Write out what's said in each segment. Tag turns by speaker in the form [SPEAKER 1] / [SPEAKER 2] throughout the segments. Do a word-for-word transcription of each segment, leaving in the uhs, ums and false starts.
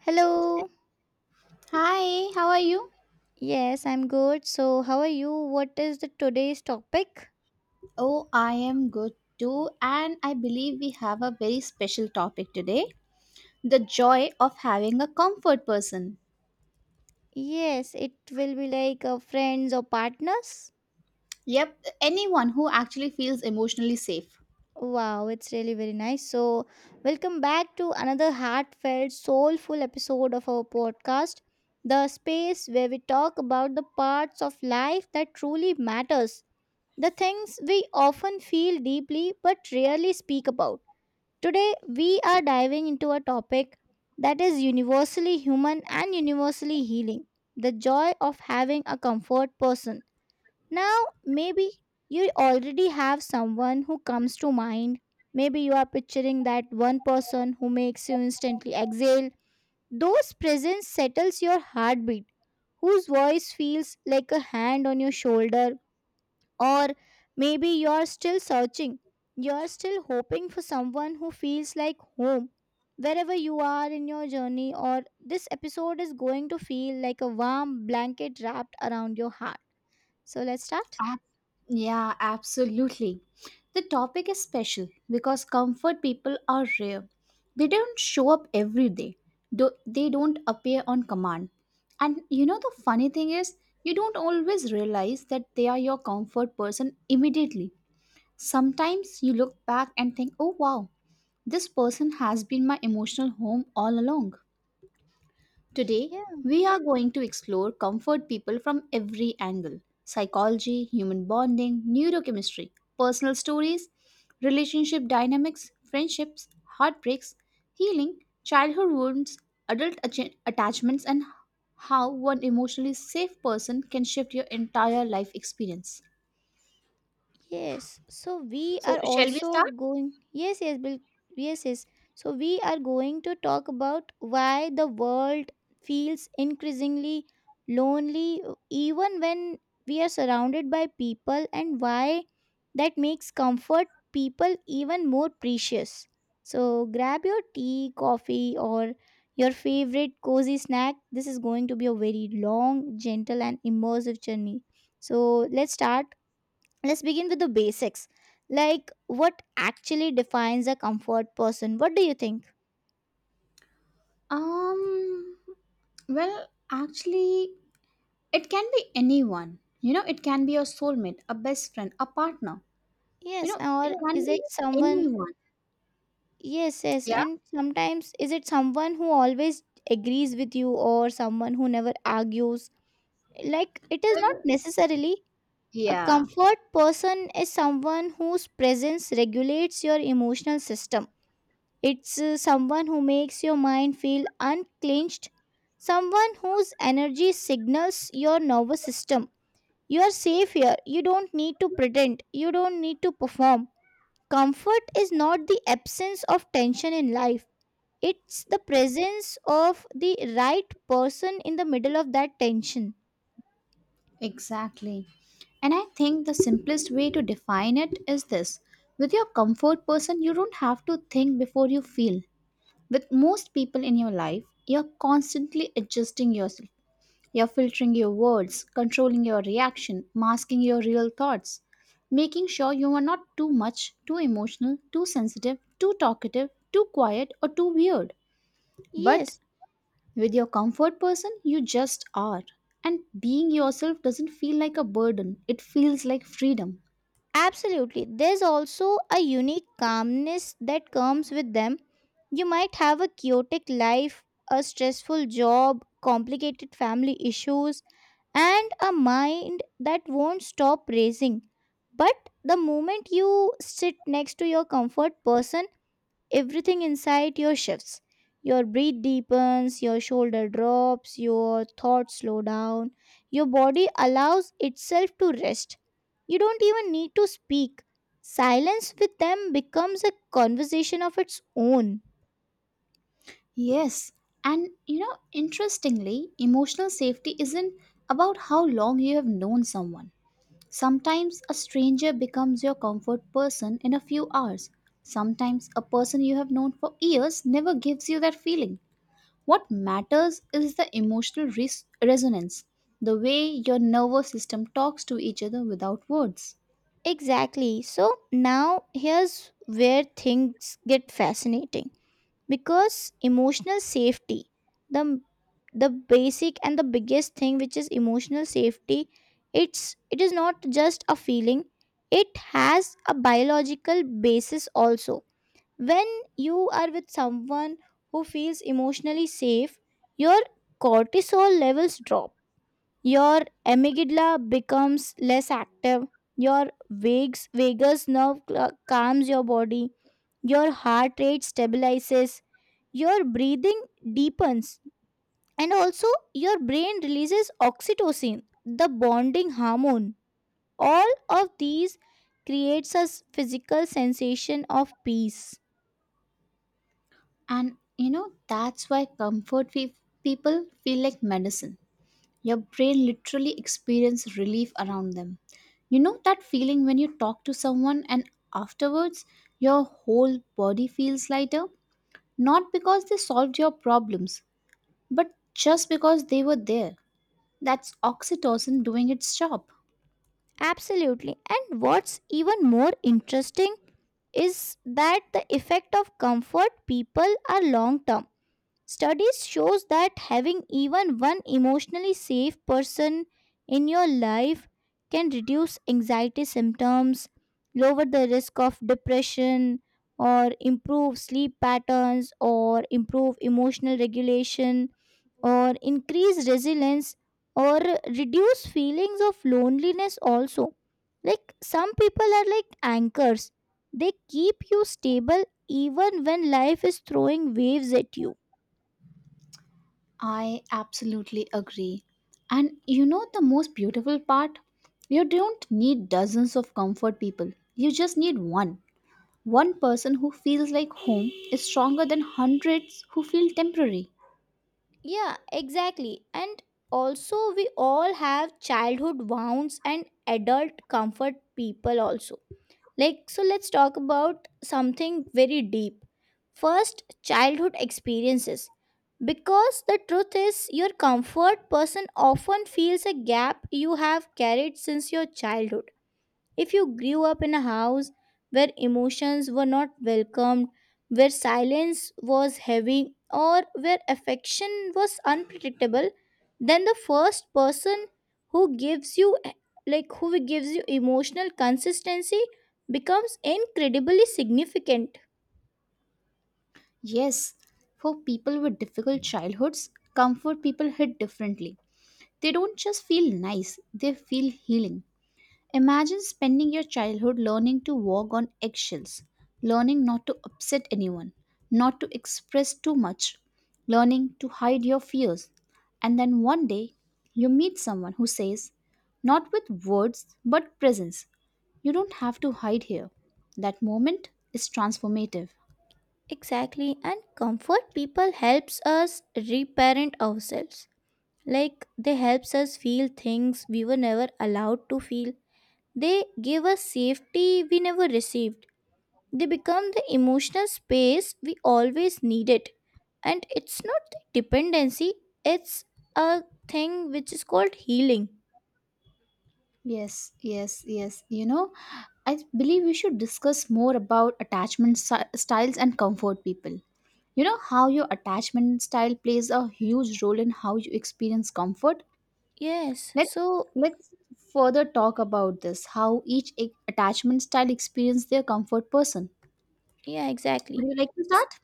[SPEAKER 1] Hello.
[SPEAKER 2] Hi, how are you?
[SPEAKER 1] Yes, I'm good. So, how are you? What is the today's topic?
[SPEAKER 2] Oh, I am good too, and I believe we have a very special topic today: the joy of having a comfort person.
[SPEAKER 1] Yes, it will be like uh, friends or partners.
[SPEAKER 2] Yep, anyone who actually feels emotionally safe.
[SPEAKER 1] Wow, it's really very nice. So, welcome back to another heartfelt, soulful episode of our podcast, the space where we talk about the parts of life that truly matters, the things we often feel deeply but rarely speak about. Today, we are diving into a topic that is universally human and universally healing, the joy of having a comfort person. Now, maybe you already have someone who comes to mind. Maybe you are picturing that one person who makes you instantly exhale. Those presence settles your heartbeat, whose voice feels like a hand on your shoulder, or maybe you're still searching. You're still hoping for someone who feels like home. Wherever you are in your journey, or this episode is going to feel like a warm blanket wrapped around your heart. So let's start.
[SPEAKER 2] Ab- yeah, absolutely. The topic is special because comfort people are rare. They don't show up every day. Do- they don't appear on command. And you know, the funny thing is, you don't always realize that they are your comfort person immediately. Sometimes you look back and think, oh wow, this person has been my emotional home all along. Today, we are going to explore comfort people from every angle: psychology, human bonding, neurochemistry, personal stories, relationship dynamics, friendships, heartbreaks, healing, childhood wounds, adult atta- attachments, and how one emotionally safe person can shift your entire life experience.
[SPEAKER 1] Yes, so we
[SPEAKER 2] So,
[SPEAKER 1] are
[SPEAKER 2] shall we
[SPEAKER 1] also
[SPEAKER 2] start?
[SPEAKER 1] going. Yes, yes, Bill. Yes, yes. So we are going to talk about why the world feels increasingly lonely, uh, even when we are surrounded by people, and why that makes comfort people even more precious. So grab your tea, coffee, or your favorite cozy snack. This is going to be a very long, gentle, and immersive journey. So let's start, let's begin with the basics, like what actually defines a comfort person, what do you think?
[SPEAKER 2] Um, well, actually, it can be anyone. You know, it can be your soulmate, a best friend, a partner. You
[SPEAKER 1] Yes,
[SPEAKER 2] know, it
[SPEAKER 1] or
[SPEAKER 2] can
[SPEAKER 1] is it
[SPEAKER 2] be
[SPEAKER 1] someone,
[SPEAKER 2] anyone.
[SPEAKER 1] yes, yes,
[SPEAKER 2] Yeah.
[SPEAKER 1] and sometimes is it someone who always agrees with you or someone who never argues, like it is not
[SPEAKER 2] Well,
[SPEAKER 1] necessarily. A
[SPEAKER 2] yeah,
[SPEAKER 1] comfort person is someone whose presence regulates your emotional system. It's uh, someone who makes your mind feel unclenched, someone whose energy signals your nervous system. You are safe here. You don't need to pretend. You don't need to perform. Comfort is not the absence of tension in life, it's the presence of the right person in the middle of that tension.
[SPEAKER 2] exactly. And I think the simplest way to define it is this: with your comfort person, you don't have to think before you feel. With most people in your life, you're constantly adjusting yourself. You're filtering your words, controlling your reaction, masking your real thoughts, making sure you are not too much, too emotional, too sensitive, too talkative, too quiet, or too weird. But
[SPEAKER 1] Yes.
[SPEAKER 2] with your comfort person, you just are. And being yourself doesn't feel like a burden, it feels like freedom.
[SPEAKER 1] Absolutely. There's also a unique calmness that comes with them. You might have a chaotic life, a stressful job, complicated family issues, and a mind that won't stop racing. But the moment you sit next to your comfort person, everything inside your shifts. Your breath deepens, your shoulder drops, your thoughts slow down, your body allows itself to rest. You don't even need to speak. Silence with them becomes a conversation of its own.
[SPEAKER 2] Yes, and you know, interestingly, emotional safety isn't about how long you have known someone. Sometimes a stranger becomes your comfort person in a few hours. Sometimes a person you have known for years never gives you that feeling. What matters is the emotional res- resonance, the way your nervous system talks to each other without words.
[SPEAKER 1] Exactly. So now here's where things get fascinating, because emotional safety, the the basic and the biggest thing which is emotional safety, it's, it is not just a feeling, it has a biological basis also. When you are with someone who feels emotionally safe, your cortisol levels drop, your amygdala becomes less active, your vagus vagus nerve cl- calms your body, your heart rate stabilizes, your breathing deepens, and also your brain releases oxytocin, the bonding hormone. All of these creates a s- physical sensation of peace.
[SPEAKER 2] And you know, that's why comfort fe- people feel like medicine. Your brain literally experiences relief around them. You know that feeling when you talk to someone and afterwards your whole body feels lighter? Not because they solved your problems, but just because they were there. That's oxytocin doing its job.
[SPEAKER 1] Absolutely. And what's even more interesting is that the effect of comfort people are long term. Studies shows that having even one emotionally safe person in your life can reduce anxiety symptoms, lower the risk of depression, or improve sleep patterns, or improve emotional regulation, or increase resilience, or reduce feelings of loneliness also. Like some people are like anchors, they keep you stable even when life is throwing waves at you.
[SPEAKER 2] I absolutely agree. And you know the most beautiful part? You don't need dozens of comfort people. You just need one. One person who feels like home is stronger than hundreds who feel temporary.
[SPEAKER 1] Yeah, exactly. And also, we all have childhood wounds and adult comfort people, also. Like, so let's talk about something very deep. First, childhood experiences. Because the truth is, your comfort person often feels a gap you have carried since your childhood. If you grew up in a house where emotions were not welcomed, where silence was heavy, or where affection was unpredictable, then the first person who gives you, like who gives you emotional consistency, becomes incredibly significant.
[SPEAKER 2] Yes, for people with difficult childhoods, comfort people hit differently. They don't just feel nice, they feel healing. Imagine spending your childhood learning to walk on eggshells, learning not to upset anyone, not to express too much, learning to hide your fears. And then one day, you meet someone who says, not with words but presence, you don't have to hide here. That moment is transformative.
[SPEAKER 1] Exactly, and comfort people helps us reparent ourselves. Like they helps us feel things we were never allowed to feel. They give us safety we never received. They become the emotional space we always needed. And it's not the dependency, it's a thing which is called healing.
[SPEAKER 2] Yes, yes, yes. You know, I believe we should discuss more about attachment sty- styles and comfort people. You know how your attachment style plays a huge role in how you experience comfort.
[SPEAKER 1] Yes,
[SPEAKER 2] Let's
[SPEAKER 1] so
[SPEAKER 2] let's further talk about this. How each a- attachment style experience their comfort person.
[SPEAKER 1] yeah,
[SPEAKER 2] Would
[SPEAKER 1] exactly.
[SPEAKER 2] you like to start?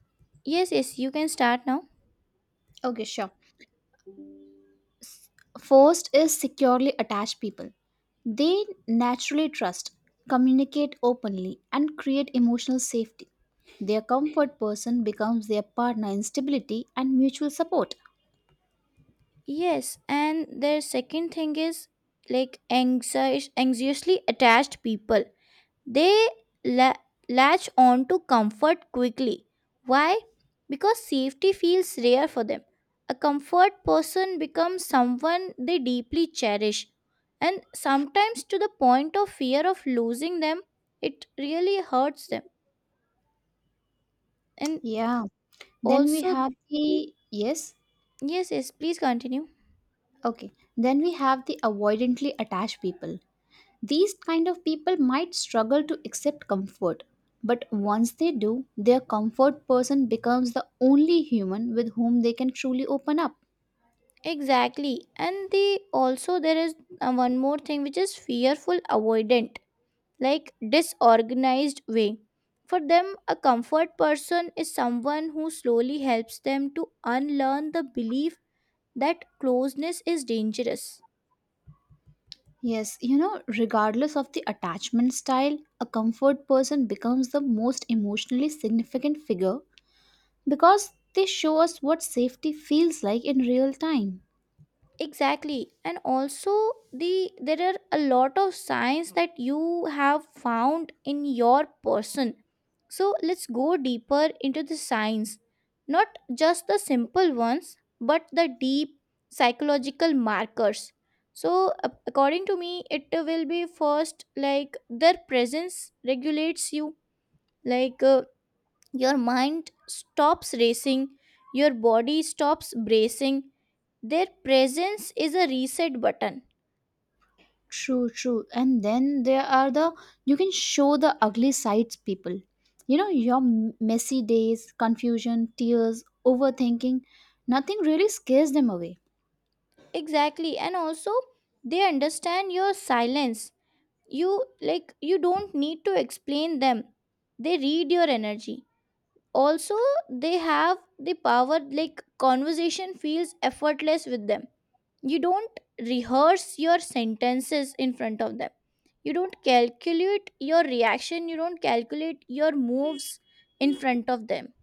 [SPEAKER 1] Yes, yes, you can start now.
[SPEAKER 2] Okay, sure. First is securely attached people. They naturally trust, communicate openly, and create emotional safety. Their comfort person becomes their partner in stability and mutual support.
[SPEAKER 1] Yes, and their second thing is like anxious, anxiously attached people. They la- latch on to comfort quickly. Why? Because safety feels rare for them. A comfort person becomes someone they deeply cherish, and sometimes to the point of fear of losing them, it really hurts them. And
[SPEAKER 2] Yeah. Then we
[SPEAKER 1] also,
[SPEAKER 2] have the yes.
[SPEAKER 1] yes, yes, please continue.
[SPEAKER 2] Okay. Then we have the avoidantly attached people. These kind of people might struggle to accept comfort, but once they do, their comfort person becomes the only human with whom they can truly open up.
[SPEAKER 1] Exactly. And the also, there is uh, one more thing which is fearful avoidant, like disorganized way. For them, a comfort person is someone who slowly helps them to unlearn the belief that closeness is dangerous.
[SPEAKER 2] Yes, you know, regardless of the attachment style, a comfort person becomes the most emotionally significant figure because they show us what safety feels like in real time.
[SPEAKER 1] Exactly, and also the, there are a lot of signs that you have found in your person. So let's go deeper into the signs, not just the simple ones but the deep psychological markers. So a- according to me, it will be first like their presence regulates you, like, uh, your mind stops racing, your body stops bracing, their presence is a reset button.
[SPEAKER 2] True, true. And then there are the you can show the ugly sides people. You know, your m- messy days, confusion, tears, overthinking, nothing really scares them away.
[SPEAKER 1] Exactly, and also they understand your silence. You, like you don't need to explain them, they read your energy. Also, they have the power, like conversation feels effortless with them. You don't rehearse your sentences in front of them, you don't calculate your reaction, you don't calculate your moves in front of them.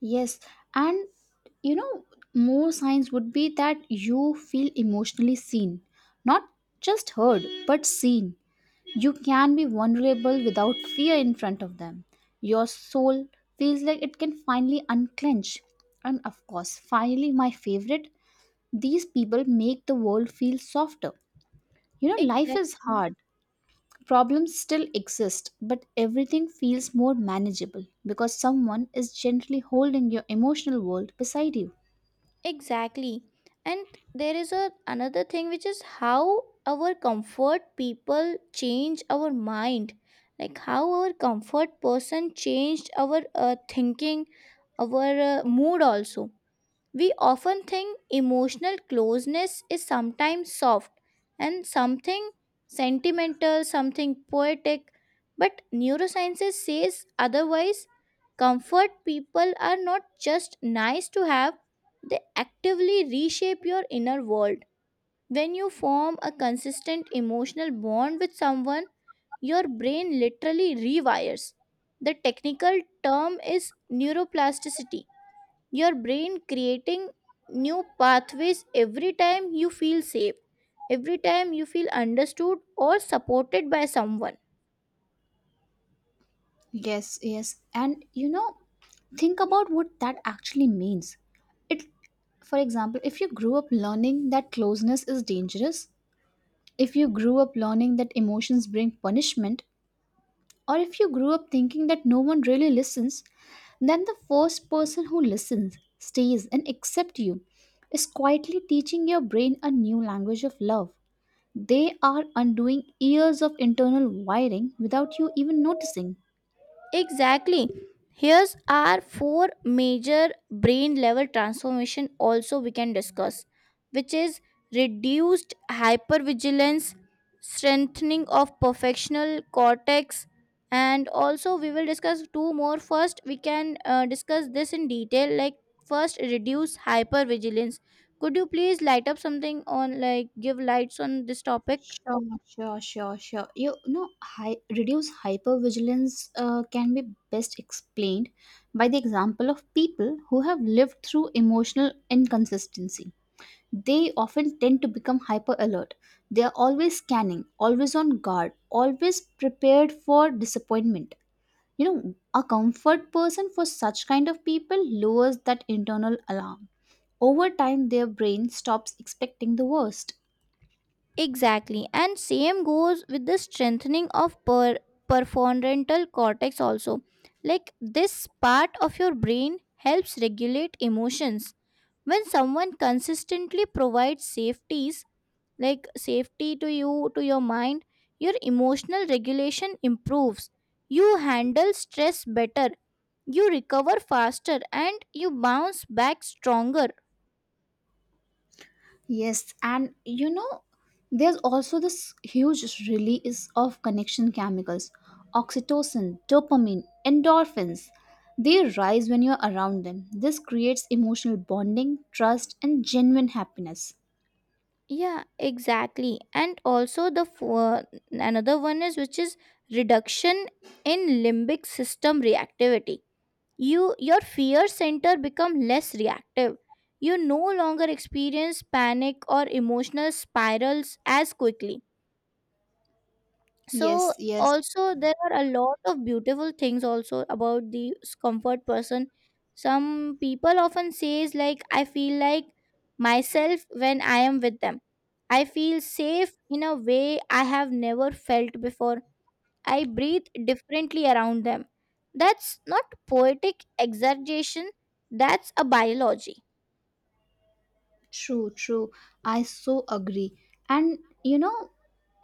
[SPEAKER 2] Yes, and you know, more signs would be that you feel emotionally seen, not just heard, but seen. You can be vulnerable without fear in front of them. Your soul feels like it can finally unclench. And of course, finally, my favorite, these people make the world feel softer. You know, life is
[SPEAKER 1] Exactly.
[SPEAKER 2] hard. Problems still exist, but everything feels more manageable because someone is gently holding your emotional world beside you.
[SPEAKER 1] Exactly. And there is a another thing which is how our comfort people change our mind. Like how our comfort person changed our uh, thinking, our uh, mood also. We often think emotional closeness is sometimes soft and something sentimental, something poetic, but neuroscience says otherwise. Comfort people are not just nice to have, they actively reshape your inner world. When you form a consistent emotional bond with someone, your brain literally rewires. The technical term is neuroplasticity, your brain creating new pathways every time you feel safe, every time you feel understood or supported by someone.
[SPEAKER 2] Yes, yes. And you know, think about what that actually means. It for example, if you grew up learning that closeness is dangerous, if you grew up learning that emotions bring punishment, or if you grew up thinking that no one really listens, then the first person who listens, stays, and accepts you is quietly teaching your brain a new language of love. They are undoing years of internal wiring without you even noticing.
[SPEAKER 1] Exactly. Here's our four major brain level transformation also we can discuss, which is reduced hypervigilance, strengthening of perfectional cortex, and also we will discuss two more. First, we can uh, discuss this in detail. Like first, reduce hypervigilance. Could you please light up something on, like give lights on this topic?
[SPEAKER 2] Sure, sure, sure, sure. You know, hi- reduce hypervigilance uh, can be best explained by the example of people who have lived through emotional inconsistency. They often tend to become hyper alert. They are always scanning, always on guard, always prepared for disappointment. You know, a comfort person for such kind of people lowers that internal alarm. Over time, their brain stops expecting the worst.
[SPEAKER 1] Exactly. And same goes with the strengthening of per- prefrontal cortex also. Like this part of your brain helps regulate emotions. When someone consistently provides safeties, like safety to you, to your mind, your emotional regulation improves. You handle stress better, you recover faster, and you bounce back stronger.
[SPEAKER 2] Yes, and you know, there's also this huge release of connection chemicals: oxytocin, dopamine, endorphins. They rise when you're around them. This creates emotional bonding, trust, and genuine happiness.
[SPEAKER 1] Yeah, exactly. And also the fo- another one is which is reduction in limbic system reactivity. You, your fear center become less reactive, you no longer experience panic or emotional spirals as quickly. So
[SPEAKER 2] Yes, yes,
[SPEAKER 1] also there are a lot of beautiful things also about the comfort person. Some people often says like, I feel like myself when I am with them, I feel safe in a way I have never felt before, I breathe differently around them. That's not poetic exaggeration, that's a biology.
[SPEAKER 2] true, true. I so agree. And you know,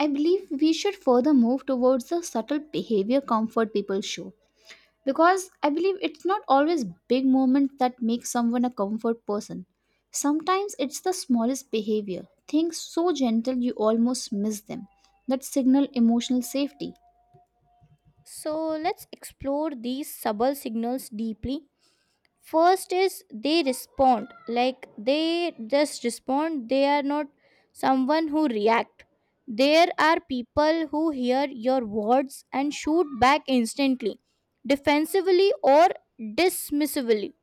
[SPEAKER 2] I believe we should further move towards the subtle behavior comfort people show, because I believe it's not always big moments that make someone a comfort person. Sometimes it's the smallest behavior, things so gentle you almost miss them, that signal emotional safety.
[SPEAKER 1] So let's explore these subtle signals deeply. First is they respond, like they just respond, they are not someone who react. There are people who hear your words and shoot back instantly, defensively or dismissively.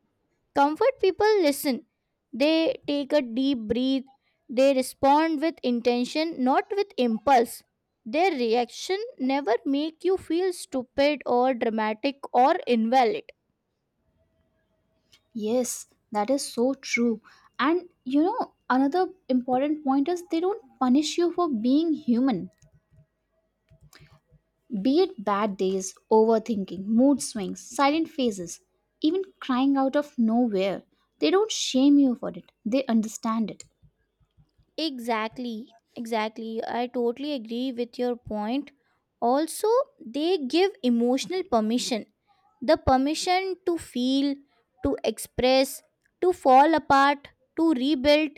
[SPEAKER 1] Comfort people listen. They take a deep breath. They respond with intention, not with impulse. Their reaction never make you feel stupid or dramatic or invalid.
[SPEAKER 2] Yes, that is so true. And you know, another important point is they don't punish you for being human, be it bad days, overthinking, mood swings, silent phases, even crying out of nowhere. They don't shame you for it, they understand it.
[SPEAKER 1] Exactly, exactly. I totally agree with your point. Also, they give emotional permission, the permission to feel, to express, to fall apart, to rebuild,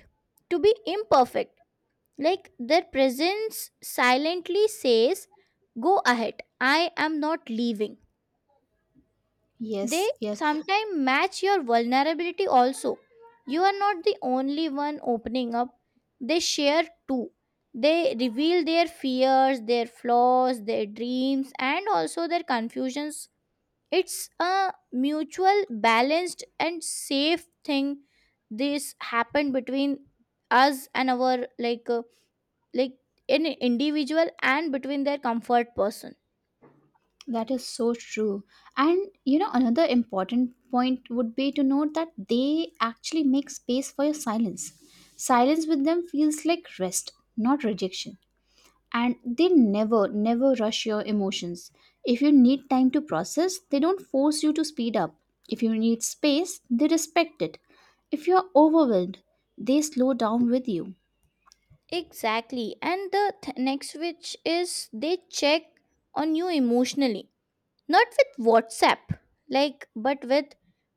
[SPEAKER 1] to be imperfect. Like their presence silently says, go ahead, I am not leaving.
[SPEAKER 2] Yes,
[SPEAKER 1] They
[SPEAKER 2] yes.
[SPEAKER 1] sometimes match your vulnerability also. You are not the only one opening up, they share too. They reveal their fears, their flaws, their dreams, and also their confusions. It's a mutual, balanced, and safe thing. This happened between us and our like, uh, like an individual and between their comfort person.
[SPEAKER 2] That is so true. And you know, another important point would be to note that they actually make space for your silence. Silence with them feels like rest, not rejection. And they never, never rush your emotions. If you need time to process, they don't force you to speed up. If you need space, they respect it. If you are overwhelmed, they slow down with you.
[SPEAKER 1] Exactly. And the th- next, which is they check on you emotionally, not with WhatsApp, like, but with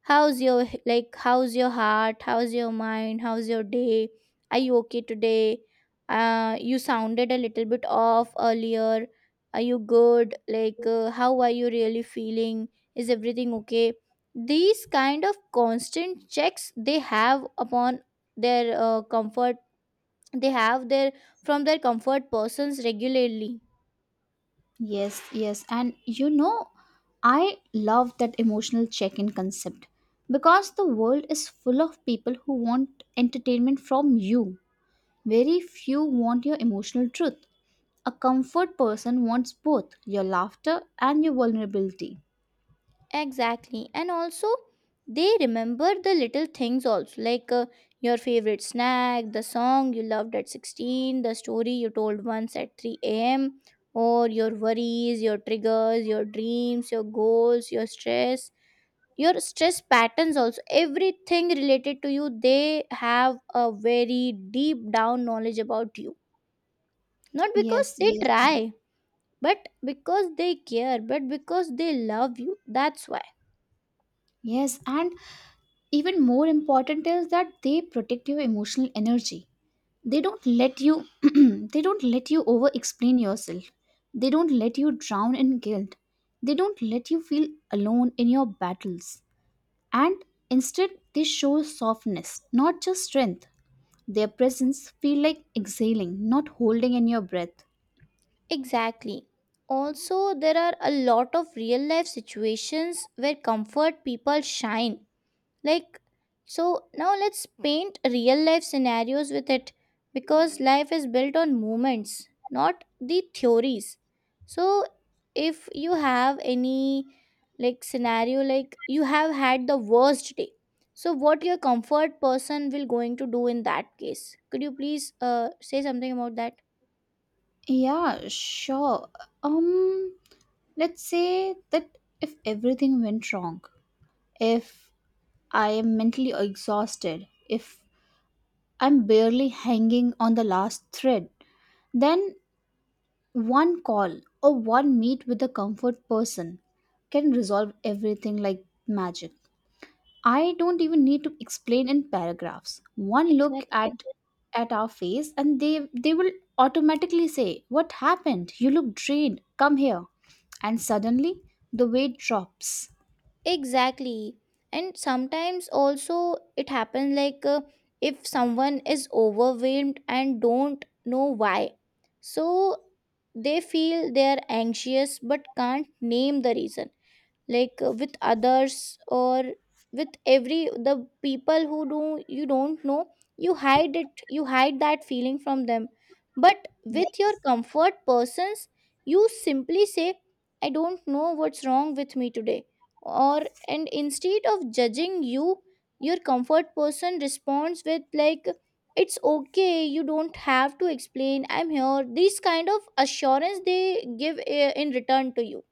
[SPEAKER 1] how's your h- like how's your heart, how's your mind, how's your day, are you okay today? Uh, you sounded a little bit off earlier. Are you good? Like, uh, how are you really feeling? Is everything okay? These kind of constant checks they have upon their uh, comfort they have their from their comfort persons regularly.
[SPEAKER 2] Yes, yes. And you know, I love that emotional check in concept because the world is full of people who want entertainment from you. Very few want your emotional truth. A comfort person wants both your laughter and your vulnerability.
[SPEAKER 1] Exactly. And also they remember the little things also, like uh, your favorite snack, the song you loved at sixteen, the story you told once at three a.m., or your worries, your triggers, your dreams, your goals, your stress, your stress patterns also. Everything related to you, they have a very deep down knowledge about you, not because
[SPEAKER 2] Yes,
[SPEAKER 1] they
[SPEAKER 2] yes,
[SPEAKER 1] try, but because they care, but because they love you, that's why.
[SPEAKER 2] yes. And even more important is that they protect your emotional energy. They don't let you they don't let you over explain yourself. They don't let you drown in guilt. They don't let you feel alone in your battles. And instead they show softness, not just strength. Their presence feel like exhaling, not holding in your breath.
[SPEAKER 1] Exactly. Also there are a lot of real life situations where comfort people shine, like, so, now let's paint real life scenarios with it, because life is built on moments, not the theories. So if you have any like scenario, like you have had the worst day, so what your comfort person will going to do in that case? Could you please uh, say something about that?
[SPEAKER 2] Yeah, sure. Um let's say that if everything went wrong, if I am mentally exhausted, if I'm barely hanging on the last thread, then one call or one meet with a comfort person can resolve everything like magic. I don't even need to explain in paragraphs. One look
[SPEAKER 1] Exactly.
[SPEAKER 2] at at our face and they they will automatically say, "What happened? You look drained. Come here." And suddenly the weight drops.
[SPEAKER 1] Exactly. And sometimes also it happens like, uh, if someone is overwhelmed and don't know why. So they feel they are anxious but can't name the reason, like uh, with others, or with every the people who do, you don't know, you hide it, you hide that feeling from them. But
[SPEAKER 2] Yeah.
[SPEAKER 1] with your comfort persons, you simply say, I don't know what's wrong with me today. Or, and instead of judging you, your comfort person responds with like, it's okay, you don't have to explain, I'm here. These kind of assurance they give uh, in return to you.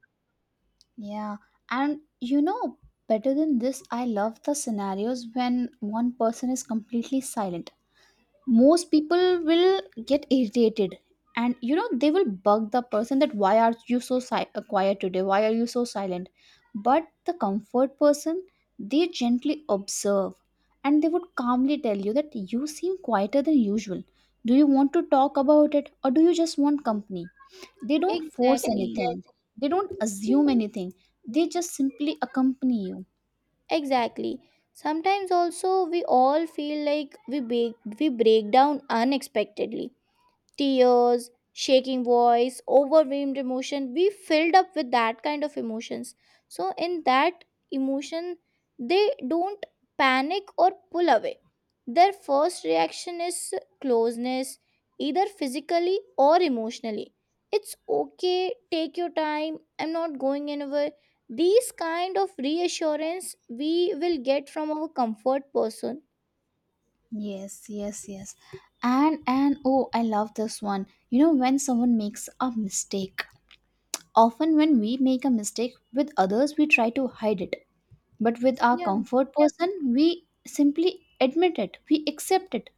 [SPEAKER 2] Yeah, and you know, better than this, I love the scenarios when one person is completely silent. Most people will get irritated, and you know they will bug the person that why are you so si- uh, quiet today, why are you so silent. But the comfort person, they gently observe and they would calmly tell you that you seem quieter than usual. Do you want to talk about it or do you just want company? They don't force
[SPEAKER 1] Exactly.
[SPEAKER 2] anything, they don't assume anything, they just simply accompany you.
[SPEAKER 1] Exactly. Sometimes also we all feel like we break, we break down unexpectedly, tears, shaking voice, overwhelmed emotion. We filled up with that kind of emotions. So, in that emotion, they don't panic or pull away. Their first reaction is closeness, either physically or emotionally. It's okay, take your time, I'm not going anywhere. These kind of reassurance we will get from our comfort person.
[SPEAKER 2] Yes, yes, yes. And and oh, I love this one. You know when someone makes a mistake. Often when we make a mistake with others, we try to hide it. But with our
[SPEAKER 1] Yeah.
[SPEAKER 2] comfort person, we simply admit it. We accept it.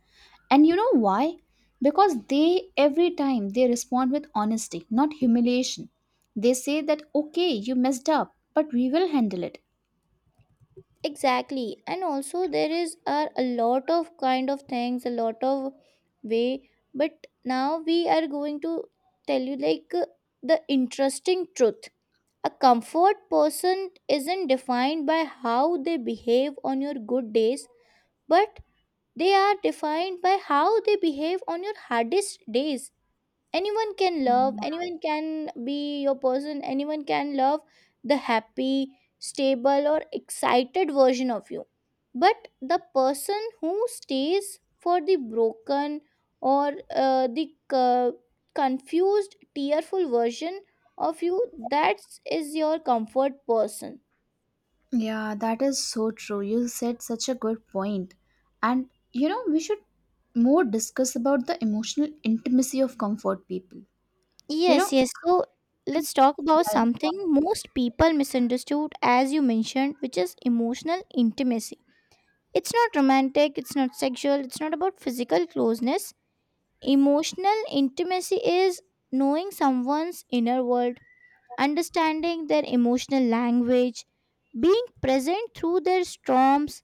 [SPEAKER 2] And you know why? Because they every time they respond with honesty, not humiliation. They say that okay, you messed up, but we will handle it.
[SPEAKER 1] Exactly. And also there is are a lot of kind of things, a lot of way. But now we are going to tell you, like, uh, the interesting truth. A comfort person isn't defined by how they behave on your good days, but they are defined by how they behave on your hardest days. Anyone can love, anyone can be your person, anyone can love the happy, stable, or excited version of you. But the person who stays for the broken, or uh, the uh, confused, tearful version of you, that is your comfort person.
[SPEAKER 2] Yeah, that is so true. You said such a good point. And you know, we should more discuss about the emotional intimacy of comfort people. You
[SPEAKER 1] Yes,
[SPEAKER 2] know.
[SPEAKER 1] yes. So let's talk about
[SPEAKER 2] Right.
[SPEAKER 1] something most people misunderstood, as you mentioned, which is emotional intimacy. It's not romantic, it's not sexual, it's not about physical closeness. Emotional intimacy is knowing someone's inner world, understanding their emotional language, being present through their storms,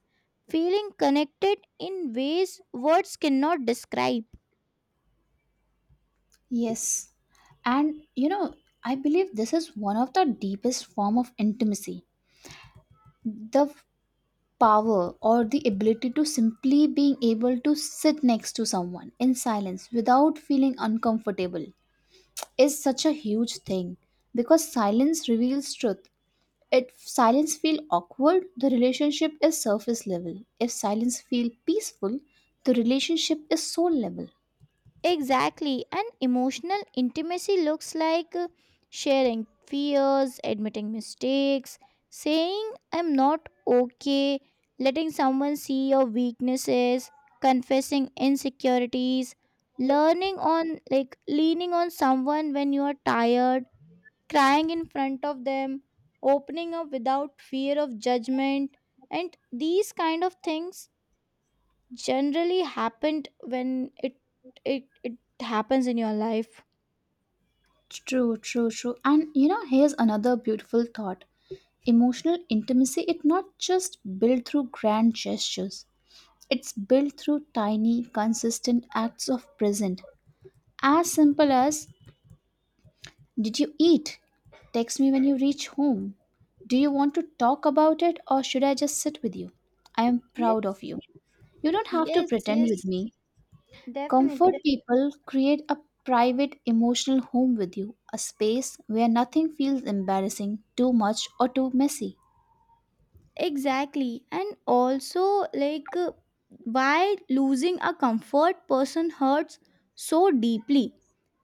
[SPEAKER 1] feeling connected in ways words cannot describe.
[SPEAKER 2] Yes. And you know, I believe this is one of the deepest form of intimacy. The f- power or the ability to simply being able to sit next to someone in silence without feeling uncomfortable is such a huge thing because silence reveals truth. If silence feel awkward, the relationship is surface level. If silence feel peaceful, the relationship is soul level.
[SPEAKER 1] Exactly. And emotional intimacy looks like, uh, sharing fears, admitting mistakes, saying, I'm not okay, letting someone see your weaknesses, confessing insecurities, learning on, like, leaning on someone when you are tired, crying in front of them, opening up without fear of judgment. And these kind of things generally happened when it it it happens in your life.
[SPEAKER 2] True, true, true. And you know, here's another beautiful thought. Emotional intimacy it not just built through grand gestures. It's built through tiny, consistent acts of present. As simple as: did you eat? Text me when you reach home. Do you want to talk about it or should I just sit with you? I am proud
[SPEAKER 1] Yes,
[SPEAKER 2] of you. You don't have to
[SPEAKER 1] yes,
[SPEAKER 2] pretend with
[SPEAKER 1] yes,
[SPEAKER 2] me.
[SPEAKER 1] definitely.
[SPEAKER 2] Comfort people, create a private emotional home with you, a space where nothing feels embarrassing, too much, or too messy.
[SPEAKER 1] Exactly. And also, like, uh, why losing a comfort person hurts so deeply.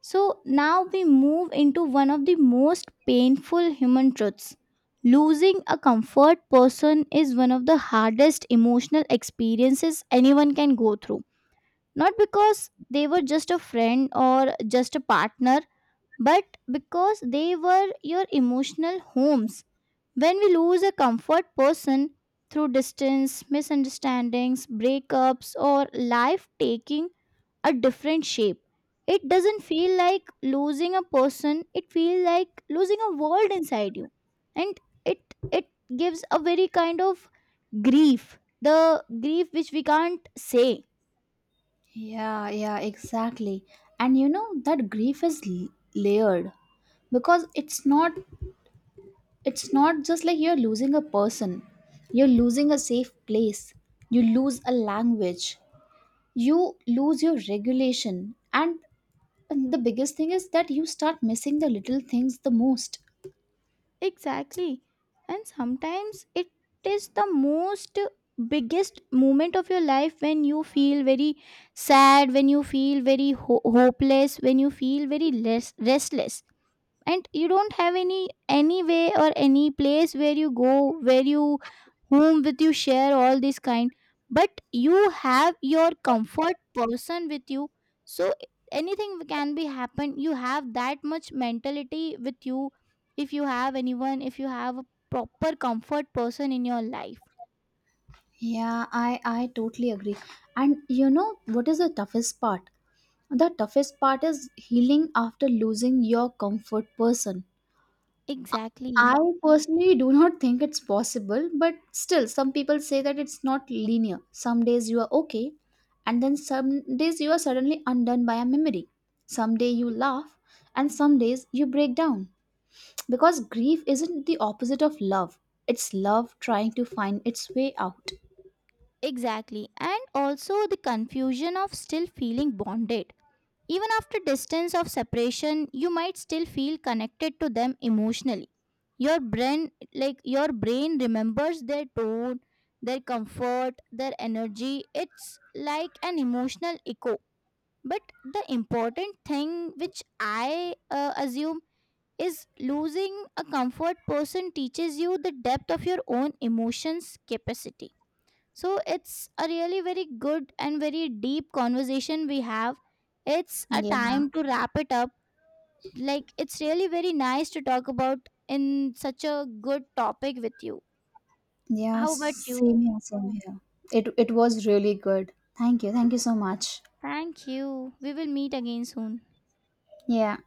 [SPEAKER 1] So, now we move into one of the most painful human truths. Losing a comfort person is one of the hardest emotional experiences anyone can go through. Not because they were just a friend or just a partner, but because they were your emotional homes. When we lose a comfort person through distance, misunderstandings, breakups, or life taking a different shape, it doesn't feel like losing a person, it feels like losing a world inside you. And it it gives a very kind of grief, the grief which we can't say.
[SPEAKER 2] Yeah, yeah, exactly. And you know that grief is l- layered because it's not it's not just like you're losing a person. You're losing a safe place. You lose a language. You lose your regulation. And the biggest thing is that you start missing the little things the most.
[SPEAKER 1] Exactly. And sometimes it is the most biggest moment of your life, when you feel very sad, when you feel very ho- hopeless, when you feel very less restless, and you don't have any any way or any place where you go, where you, whom with you share all this kind. But you have your comfort person with you, so anything can be happen, you have that much mentality with you, if you have anyone, if you have a proper comfort person in your life.
[SPEAKER 2] Yeah, I I totally agree. And you know what is the toughest part? The toughest part is healing after losing your comfort person. I
[SPEAKER 1] Exactly.
[SPEAKER 2] personally do not think it's possible, but still some people say that it's not linear. Some days you are okay, and then some days you are suddenly undone by a memory. Some day you laugh, and some days you break down. Because grief isn't the opposite of love. It's love trying to find its way out.
[SPEAKER 1] Exactly. And also the confusion of still feeling bonded. Even after distance of separation, you might still feel connected to them emotionally. Your brain like your brain remembers their tone, their comfort, their energy. It's like an emotional echo. But the important thing which I uh, assume is losing a comfort person teaches you the depth of your own emotions capacity. So it's a really very good and very deep conversation we have. It's a
[SPEAKER 2] Yeah.
[SPEAKER 1] time to wrap it up. Like it's really very nice to talk about in such a good topic with you.
[SPEAKER 2] Yeah,
[SPEAKER 1] How about
[SPEAKER 2] same
[SPEAKER 1] you?
[SPEAKER 2] here, same here. It it was really good. Thank you. Thank you so much.
[SPEAKER 1] Thank you. We will meet again soon.
[SPEAKER 2] Yeah.